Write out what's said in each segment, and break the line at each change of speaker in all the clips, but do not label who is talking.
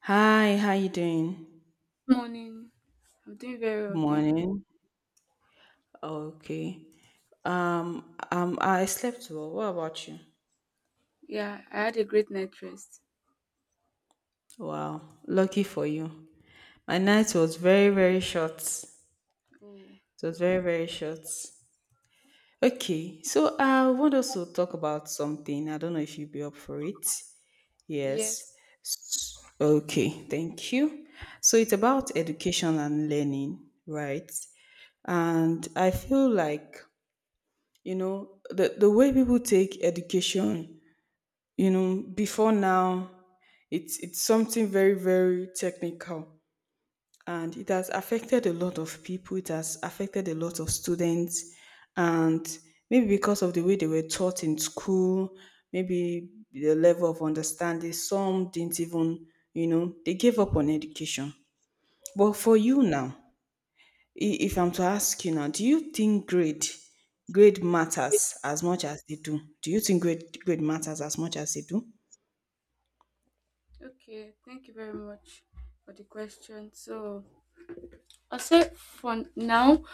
Hi, how you doing?
Morning. I'm doing very
Good
well, thank you.
morning. Okay. I slept well. What about you?
Yeah, I had a great night rest.
Wow, lucky for you. My
Thank
night
you.
was very, very short. It
Oh,
was very, very short. Okay, so I want us to talk about something. I don't know if you'd be up for it.
yes.
Yes. S- Okay, thank you. So it's about education and learning, right? And I feel like the way people take education before now, it's something very, very technical, and it has affected a lot of people, it has affected a lot of students, and maybe because of the way they were taught in school, maybe the level of understanding, some didn't even, they gave up on education. But for you now, if I'm to ask you now, do you think grade matters as much as they do? Do you think grade matters as much as they do?
Okay, thank you very much for the question. So, I'll say for now,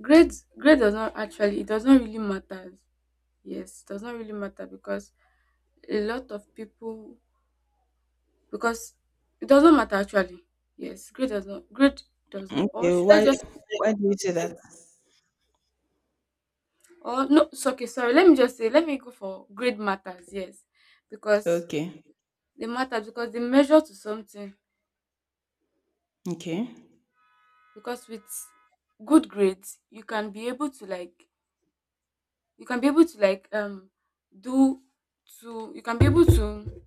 grade grade does not actually, it doesn't really matter. Yes, it doesn't really matter because a lot of people, because it doesn't matter actually. Yes, grade does not, grade does not, or
Okay,
should I
why
just,
why do you say that?
or no, so okay, sorry, let me just say, let me go for grade matters, yes, because
Okay,
they matter, because they measure to something,
okay,
because with good grades you can be able to like do to you can be able to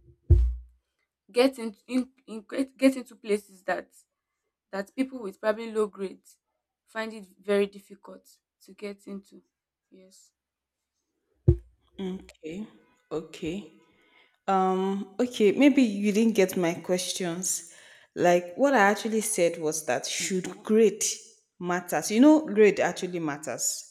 get in get get into places that people with probably low grades find it very difficult to get into. Yes.
okay, okay. Okay, maybe you didn't get my questions. Like what I actually said was that should grade matters? You know, grade actually matters.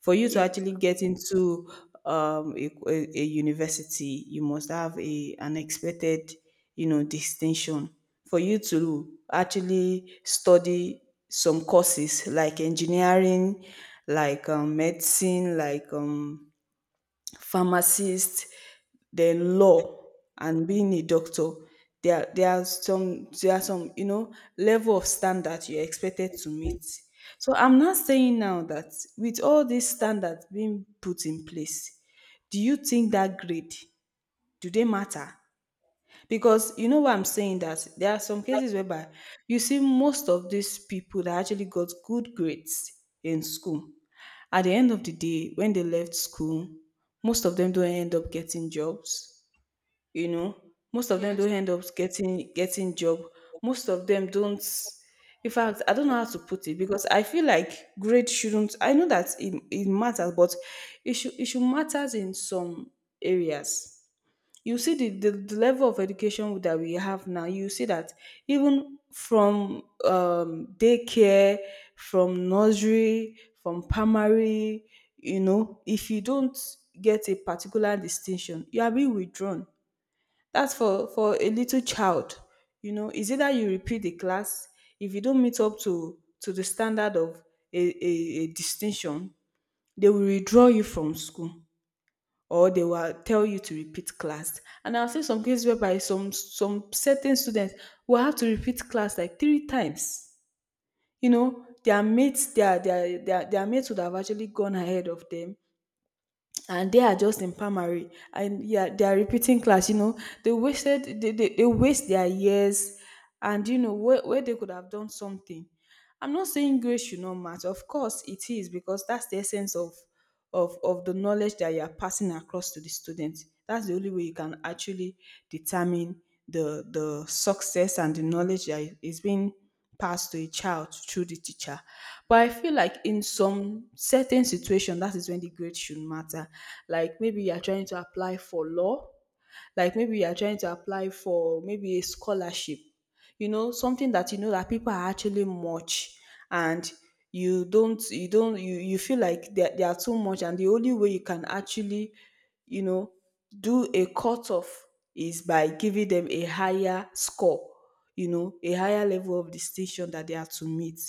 For you to
Yes.
actually get into a, a university, you must have a an expected, you know, distinction. For you to actually study some courses like engineering, like medicine, like pharmacist, then law and being a doctor. There are some, there are some, you know, level of standard you're expected to meet. So I'm not saying now that with all these standards being put in place, do you think that grade, do they matter? Because you know what I'm saying, that there are some cases whereby you see most of these people that actually got good grades in school. At the end of the day, when they left school, most of them don't end up getting jobs. You know, most of them
Yes.
don't end up getting job. Most of them don't. In fact, I don't know how to put it because I feel like grade shouldn't. I know that it matters, but it should matters in some areas. You see the, the level of education that we have now, you see that even from daycare, from nursery, from primary, you know, if you don't get a particular distinction, you are being withdrawn. That's for a little child. You know, is either you repeat the class, if you don't meet up to the standard of a, a distinction, they will withdraw you from school or they will tell you to repeat class. And I've seen some cases whereby some certain students will have to repeat class like three times. You know, their mates, their mates would have actually gone ahead of them. And they are just in primary and yeah, they are repeating class, you know. They wasted, they waste their years and you know where they could have done something. I'm not saying grades should not matter. Of course it is, because that's the essence of of the knowledge that you are passing across to the students. That's the only way you can actually determine the success and the knowledge that is being passed to a child through the teacher. But I feel like in some certain situation, that is when the grade should matter. Like maybe you are trying to apply for law, like maybe you are trying to apply for maybe a scholarship, you know, something that you know that people are actually much and you don't you don't you, you feel like they are too much and the only way you can actually, you know, do a cut off is by giving them a higher score, you know, a higher level of distinction that they are to meet.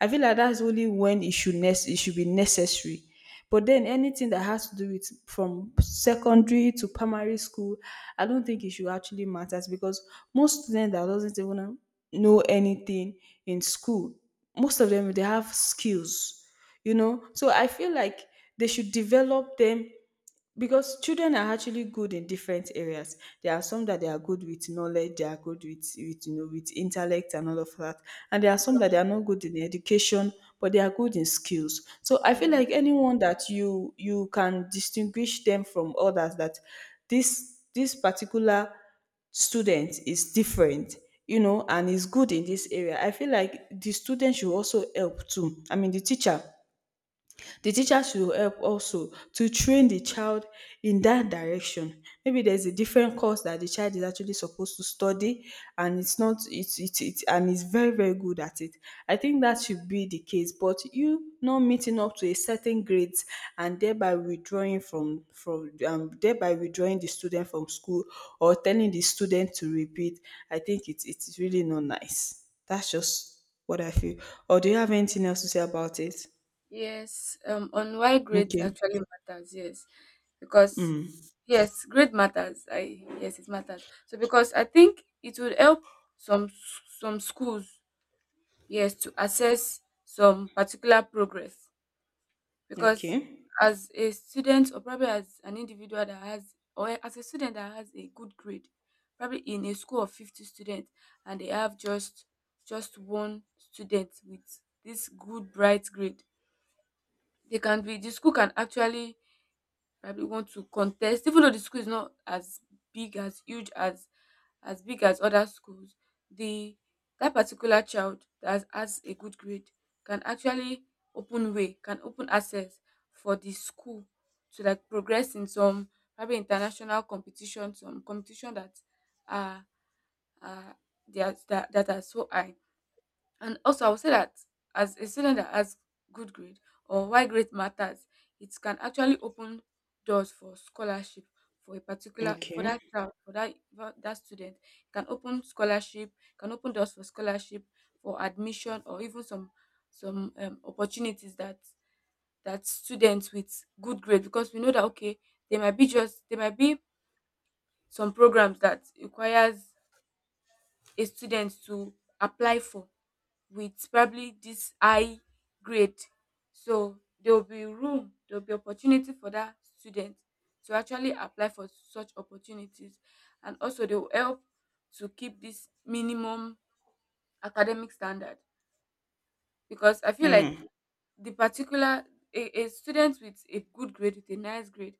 I feel like that's only when it should it should be necessary. But then anything that has to do with from secondary to primary school, I don't think it should actually matters because most students that doesn't even know anything in school, most of them they have skills, you know. So I feel like they should develop them because children are actually good in different areas. There are some that they are good with knowledge, they are good with you know, with intellect and all of that, and there are some that they are not good in education but they are good in skills. So I feel
Yeah.
like anyone that you can distinguish them from others, that this particular student is different, you know, and is good in this area. I feel like the student should also help too, I mean the teacher, the teacher should help also to train the child in that direction. Maybe there's a different course that the child is actually supposed to study, and it's not it's it's it and is very, very good at it. I think that should be the case. But you not meeting up to a certain grades and thereby withdrawing from thereby withdrawing the student from school or telling the student to repeat, I think it's really not nice. That's just what I feel. Or do you have anything else to say about it?
Yes. On why grades
Okay.
actually matters, yes, because
Mm.
yes, grade matters, I, yes, it matters, so because I think it would help some some schools, yes, to assess some particular progress, because
Okay.
as a student, or probably as an individual that has, or as a student that has a good grade, probably in a school of 50 students, and they have just one student with this good bright grade, they can be, the school can actually probably want to contest, even though the school is not as big as, huge as big as other schools, the, that particular child that has a good grade can actually open way, can open access for the school to like progress in some probably international competition, some competition that are, are they are, that, are so high. And also, I would say that as a student that has good grade, or why grade matters, it can actually open doors for scholarship, for a particular, for
Okay.
that child, for that student. It can open scholarship, can open doors for scholarship for admission, or even some opportunities that students with good grade, because we know that, okay, there might be just, there might be some programs that requires a student to apply for, with probably this high grade. So there will be room, there will be opportunity for that student to actually apply for such opportunities, and also they will help to keep this minimum academic standard, because I feel like
Mm.
the particular, a student with a good grade, with a nice grade,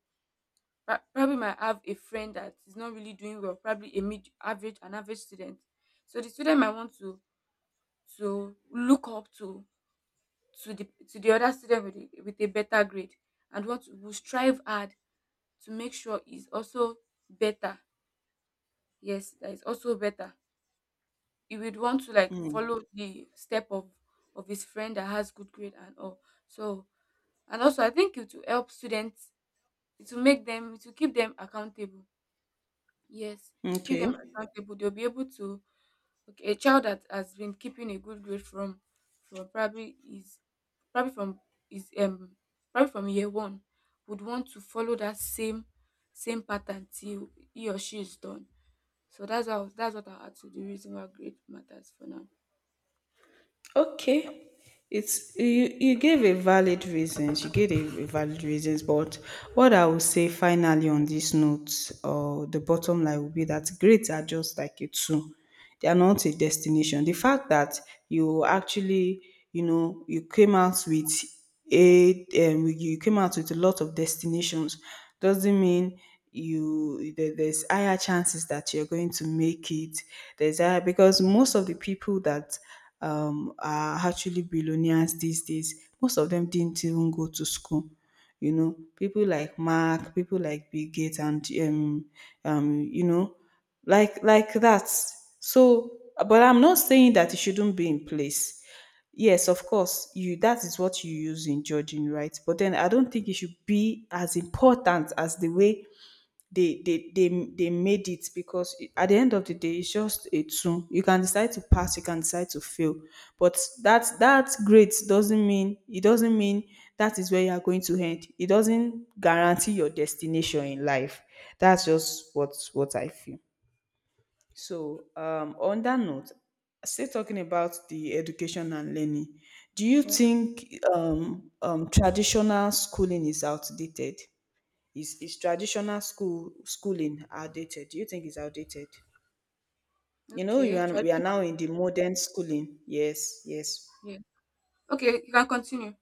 probably might have a friend that is not really doing well, probably a mid average, an average student, so the student might want to look up to, the other student with, with a better grade, and what we strive hard to make sure is also better, yes, that is also better, he would want to like
Mm.
follow the step of his friend that has good grade and all. So, and also I think it will help students, it will make them, it will keep them accountable. Yes, to keep
Okay.
them accountable, they'll be able to. Okay, a child that has been keeping a good grade from probably is, probably from, is, probably from year one, would want to follow that same pattern till he or she is done. So that's how, that's what I had to. The reason why grade matters for now.
Okay. It's, you gave a valid reasons. You gave a valid reasons, but what I will say finally on this note, or the bottom line will be that grades are just like a tool. They are not a destination. The fact that you actually, you know, you came out with a you came out with a lot of destinations doesn't mean there's higher chances that you're going to make it. There's higher, because most of the people that are actually billionaires these days, most of them didn't even go to school. You know, people like Mark, people like Bill Gates, and you know, like that. So, but I'm not saying that it shouldn't be in place. Yes, of course, you, that is what you use in judging, right? But then I don't think it should be as important as the way they made it, because at the end of the day, it's just a tool. You can decide to pass, you can decide to fail, but that grade doesn't mean, it doesn't mean that is where you are going to end. It doesn't guarantee your destination in life. That's just what I feel. So, on that note, still talking about the education and learning, do you
Well,
think traditional schooling is outdated? Is traditional schooling outdated? Do you think it's outdated? You know,
okay,
we are
tradition.
now in the modern schooling. Yes, yes.
Yeah. Okay, you can continue.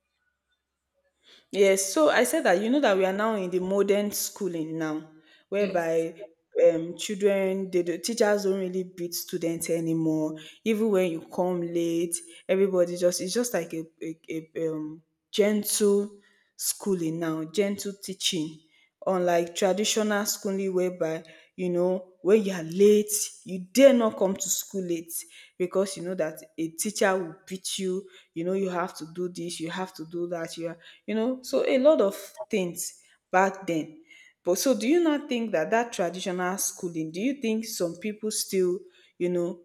Yes, so I said that you know that we are now in the modern schooling now,
Yes.
whereby children, the teachers don't really beat students anymore. Even when you come late, everybody, just, it's just like a gentle schooling now, gentle teaching, unlike traditional schooling whereby, you know, when you are late, you dare not come to school late because you know that a teacher will beat you. You know, you have to do this, you have to do that, you are, you know. So a lot of things back then. But so do you not think that traditional schooling, do you think some people still, you know,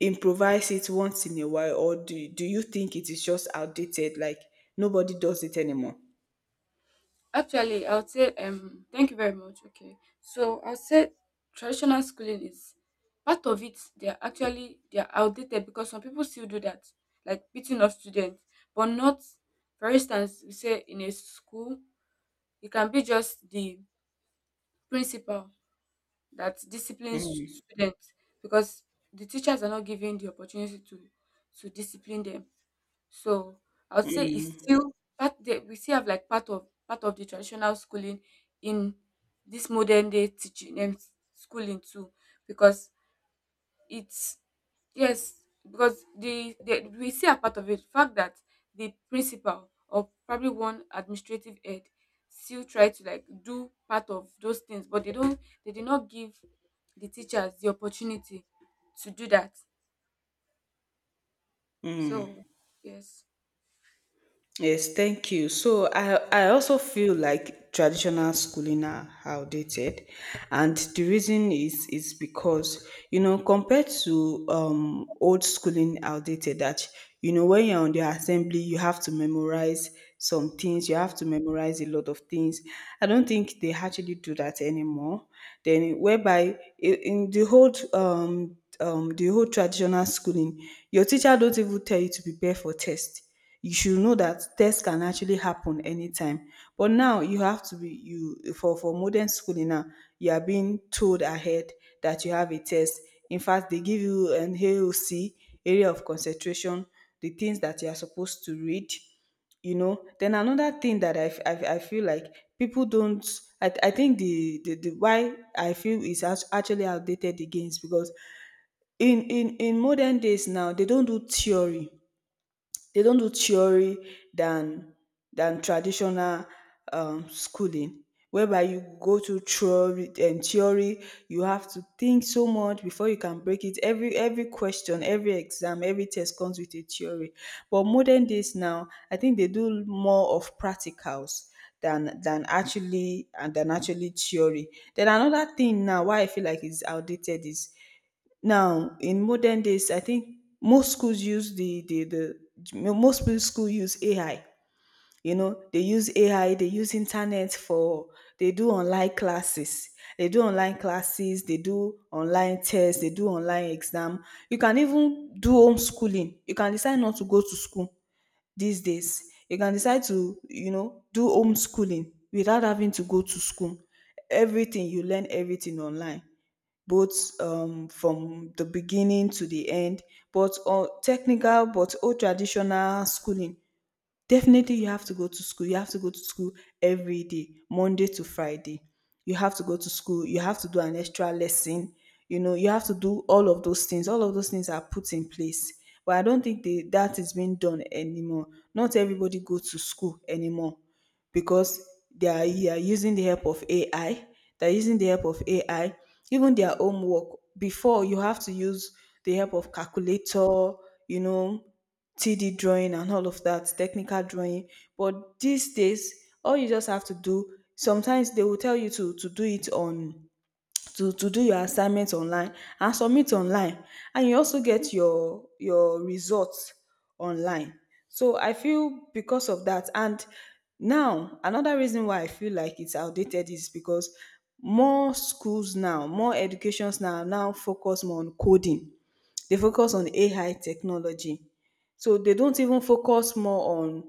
improvise it once in a while, or do you think it is just outdated, like nobody does it anymore?
Actually, I would say, thank you very much. Okay, so I would say traditional schooling is part of it. They are outdated because some people still do that, like beating of students, but not. For instance, we say in a school, it can be just the principal that disciplines students, because the teachers are not given the opportunity to discipline them. So I would say it's still part, the, we still have like part of the traditional schooling in this modern day teaching and schooling too, because it's, yes, because the we see a part of it, the fact that the principal or probably one administrative head still try to like do part of those things, but they don't, they did not give the teachers the opportunity to do that,
Mm.
so yes.
Yes, thank you. So I also feel like traditional schooling are outdated, and the reason is because you know compared to old schooling outdated that you know when you're on the assembly you have to memorize some things, you have to memorize a lot of things. I don't think they actually do that anymore. Then whereby, in the whole traditional schooling, your teacher don't even tell you to prepare for test, you should know that tests can actually happen anytime. But now you have to be you, for modern schooling now, you are being told ahead that you have a test. In fact, they give you an AOC, area of concentration, the things that you are supposed to read. You know. Then another thing that I feel like people don't. I think the why I feel is actually outdated again is because in modern days now they don't do theory, they don't do theory than traditional schooling, whereby you go to theory and theory, you have to think so much before you can break it. Every question, every exam, every test comes with a theory, but modern days now I think they do more of practicals than actually and than actually theory. Then another thing now why I feel like it's outdated is now, in modern days, I think most schools use the most schools use AI. You know, they use AI, they use internet for, they do online classes. They do online classes, they do online tests, they do online exam. You can even do homeschooling. You can decide not to go to school these days. You can decide to, do homeschooling without having to go to school. Everything you learn, everything online, both from the beginning to the end, but technical, but old traditional schooling, definitely you have to go to school. You have to go to school every day, Monday to Friday. You have to go to school. You have to do an extra lesson. You have to do all of those things. All of those things are put in place. But I don't think that is being done anymore. Not everybody goes to school anymore because they are using the help of AI. They're using the help of AI. Even their homework. Before, you have to use the help of calculator, you know, 3D drawing and all of that, technical drawing. But these days, all you just have to do, sometimes they will tell you to do it on, to do your assignments online and submit online. And you also get your results online. So I feel because of that, and now another reason why I feel like it's outdated is because more schools now, more educations now now focus more on coding, they focus on AI technology. So they don't even focus more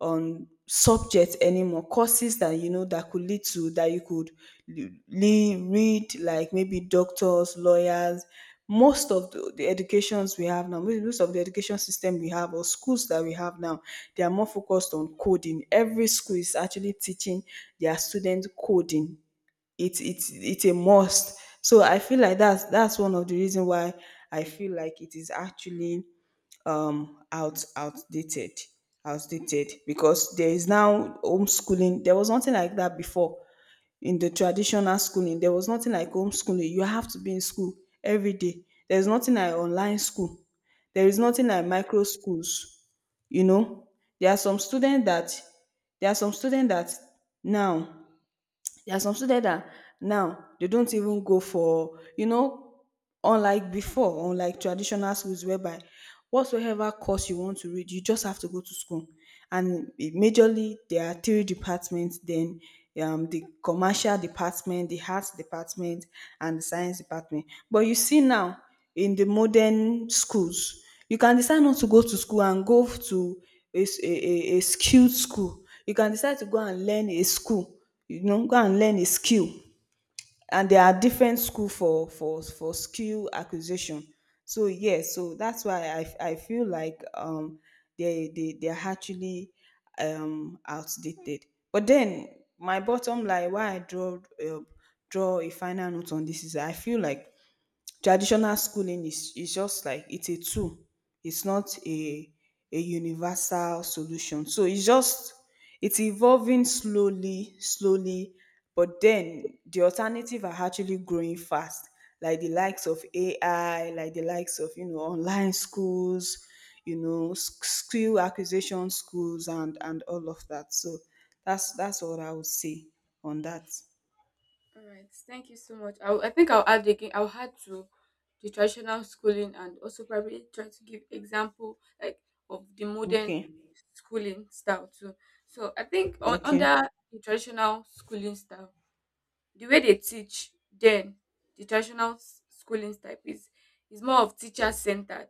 on subjects anymore. Courses that you know that could lead to, that you could read, like maybe doctors, lawyers. Most of the educations we have now, most most of the education system we have or schools that we have now, they are more focused on coding. Every school is actually teaching their students coding, it's it's a must. So I feel like that's one of the reason why I feel like it is actually outdated, outdated because there is now homeschooling. There was nothing like that before in the traditional schooling. There was nothing like homeschooling. You have to be in school every day. There's nothing like online school. There is nothing like micro schools. You know, there are some students that there are some students that now there are some students that now they don't even go for, you know, unlike before, unlike traditional schools whereby whatsoever course you want to read, you just have to go to school. And majorly there are three departments, then the commercial department, the arts department, and the science department. But you see now in the modern schools, you can decide not to go to school and go to a, s- a skilled school. You can decide to go and learn a school, you know, go and learn a skill. And there are different school for skill acquisition. So, yes, so that's why I feel like they are actually outdated. But then, my bottom line, why I draw, draw a final note on this is I feel like traditional schooling is just like it's a tool, it's not a a universal solution. So it's just, it's evolving slowly, slowly, but then the alternative are actually growing fast, like the likes of AI, like the likes of, you know, online schools, you know, skill acquisition schools and all of that. So that's what I would say on that.
All right, thank you so much. I think I'll add again. I'll add to the traditional schooling, and also probably try to give example like of the modern
Okay,
schooling style too. So I think
okay,
under the traditional schooling style, the way they teach, then the traditional schooling style is more of teacher centered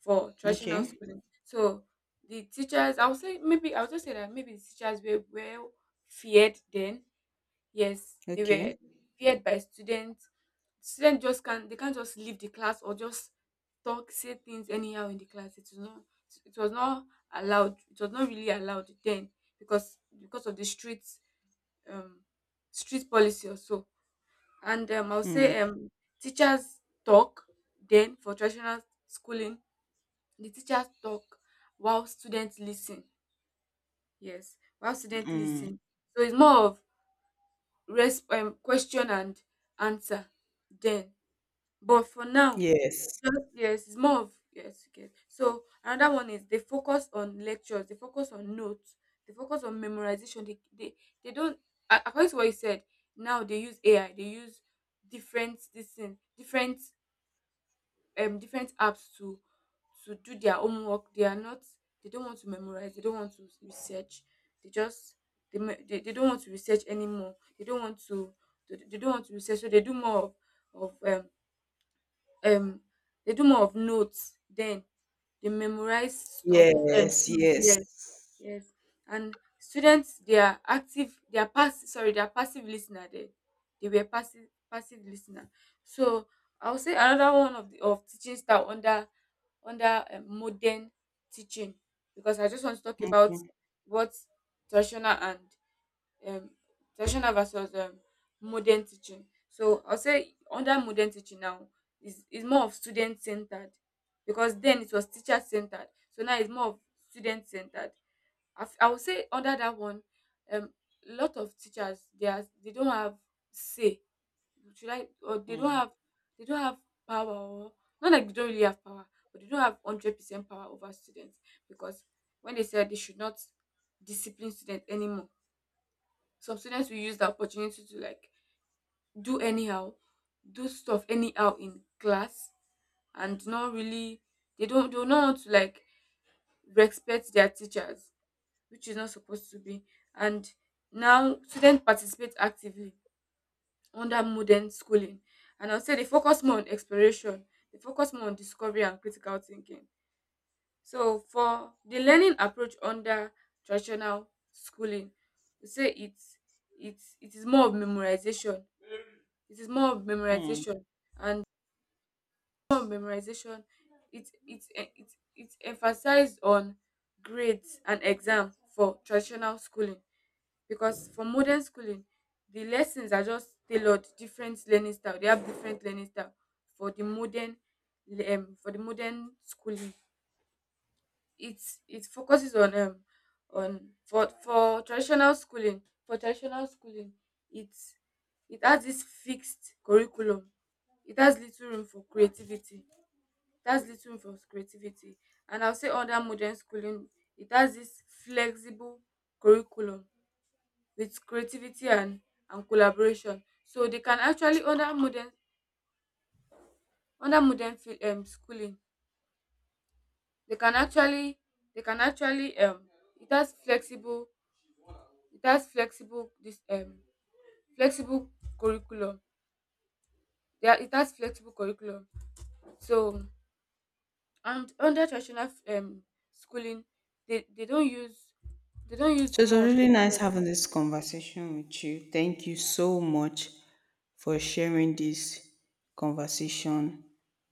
for traditional
okay,
schooling. So the teachers, I would say, maybe I would just say that, maybe the teachers were well feared then. Yes, they
okay.
were feared by students. Students just can't, they can't just leave the class or just talk, say things anyhow in the class. It was not, it was not allowed. It was not really allowed then, because of the street, um street policy or so. And I'll say
Mm.
teachers talk, then for traditional schooling, the teachers talk while students listen. Yes, while students
Mm.
listen. So it's more of question and answer, then, but for now,
Yes.
yes, it's more of, yes, you. So another one is, they focus on lectures, they focus on notes, they focus on memorization, they don't, according to what you said, now they use AI, they use different, this thing, different, different apps to do their homework. They are not, they don't want to memorize, they don't want to research. They just, they don't want to research anymore, they don't want to, they don't want to research. So they do more of um they do more of notes, then they memorize stuff,
Yes. Yes.
yeah. Yes. And students, they are active, they are pass, sorry, they are passive listener. They were passive listener. So I will say another one of the, of teaching style under modern teaching, because I just want to talk about
Okay.
what, traditional, and um, traditional versus modern teaching. So I'll say under modern teaching now is more of student centered, because then it was teacher centered. So now it's more of student centered. I would say under that one, um, a lot of teachers, they are, they don't have say. Should I, or they don't
Mm.
have they don't have power, or not like they don't really have power, but they don't have 100% power over students, because when they said they should not discipline students anymore, some students will use the opportunity to like do anyhow, do stuff anyhow in class, and not really, they don't want to like respect their teachers, which is not supposed to be. And now students participate actively under modern schooling. And I'll say they focus more on exploration, they focus more on discovery and critical thinking. So for the learning approach under traditional schooling, we say it is more of memorization. It is more of
Mm.
memorization, and more of memorization. It it's e- it's it's emphasized on grades and exam for traditional schooling, because for modern schooling the lessons are just tailored, different learning style, they have different learning style for the modern, for the modern schooling. It focuses on, on, for traditional schooling, it's it has this fixed curriculum. It has little room for creativity, it has little room for creativity. And I'll say under modern schooling, it has this flexible curriculum with creativity and collaboration. So they can actually, under modern schooling, they can actually they can actually um, it has flexible it has flexible this flexible curriculum, yeah it has flexible curriculum, so, and under traditional schooling they don't use, they don't
So
use
it was
more
really nice having this conversation with you. Thank you so much for sharing this conversation.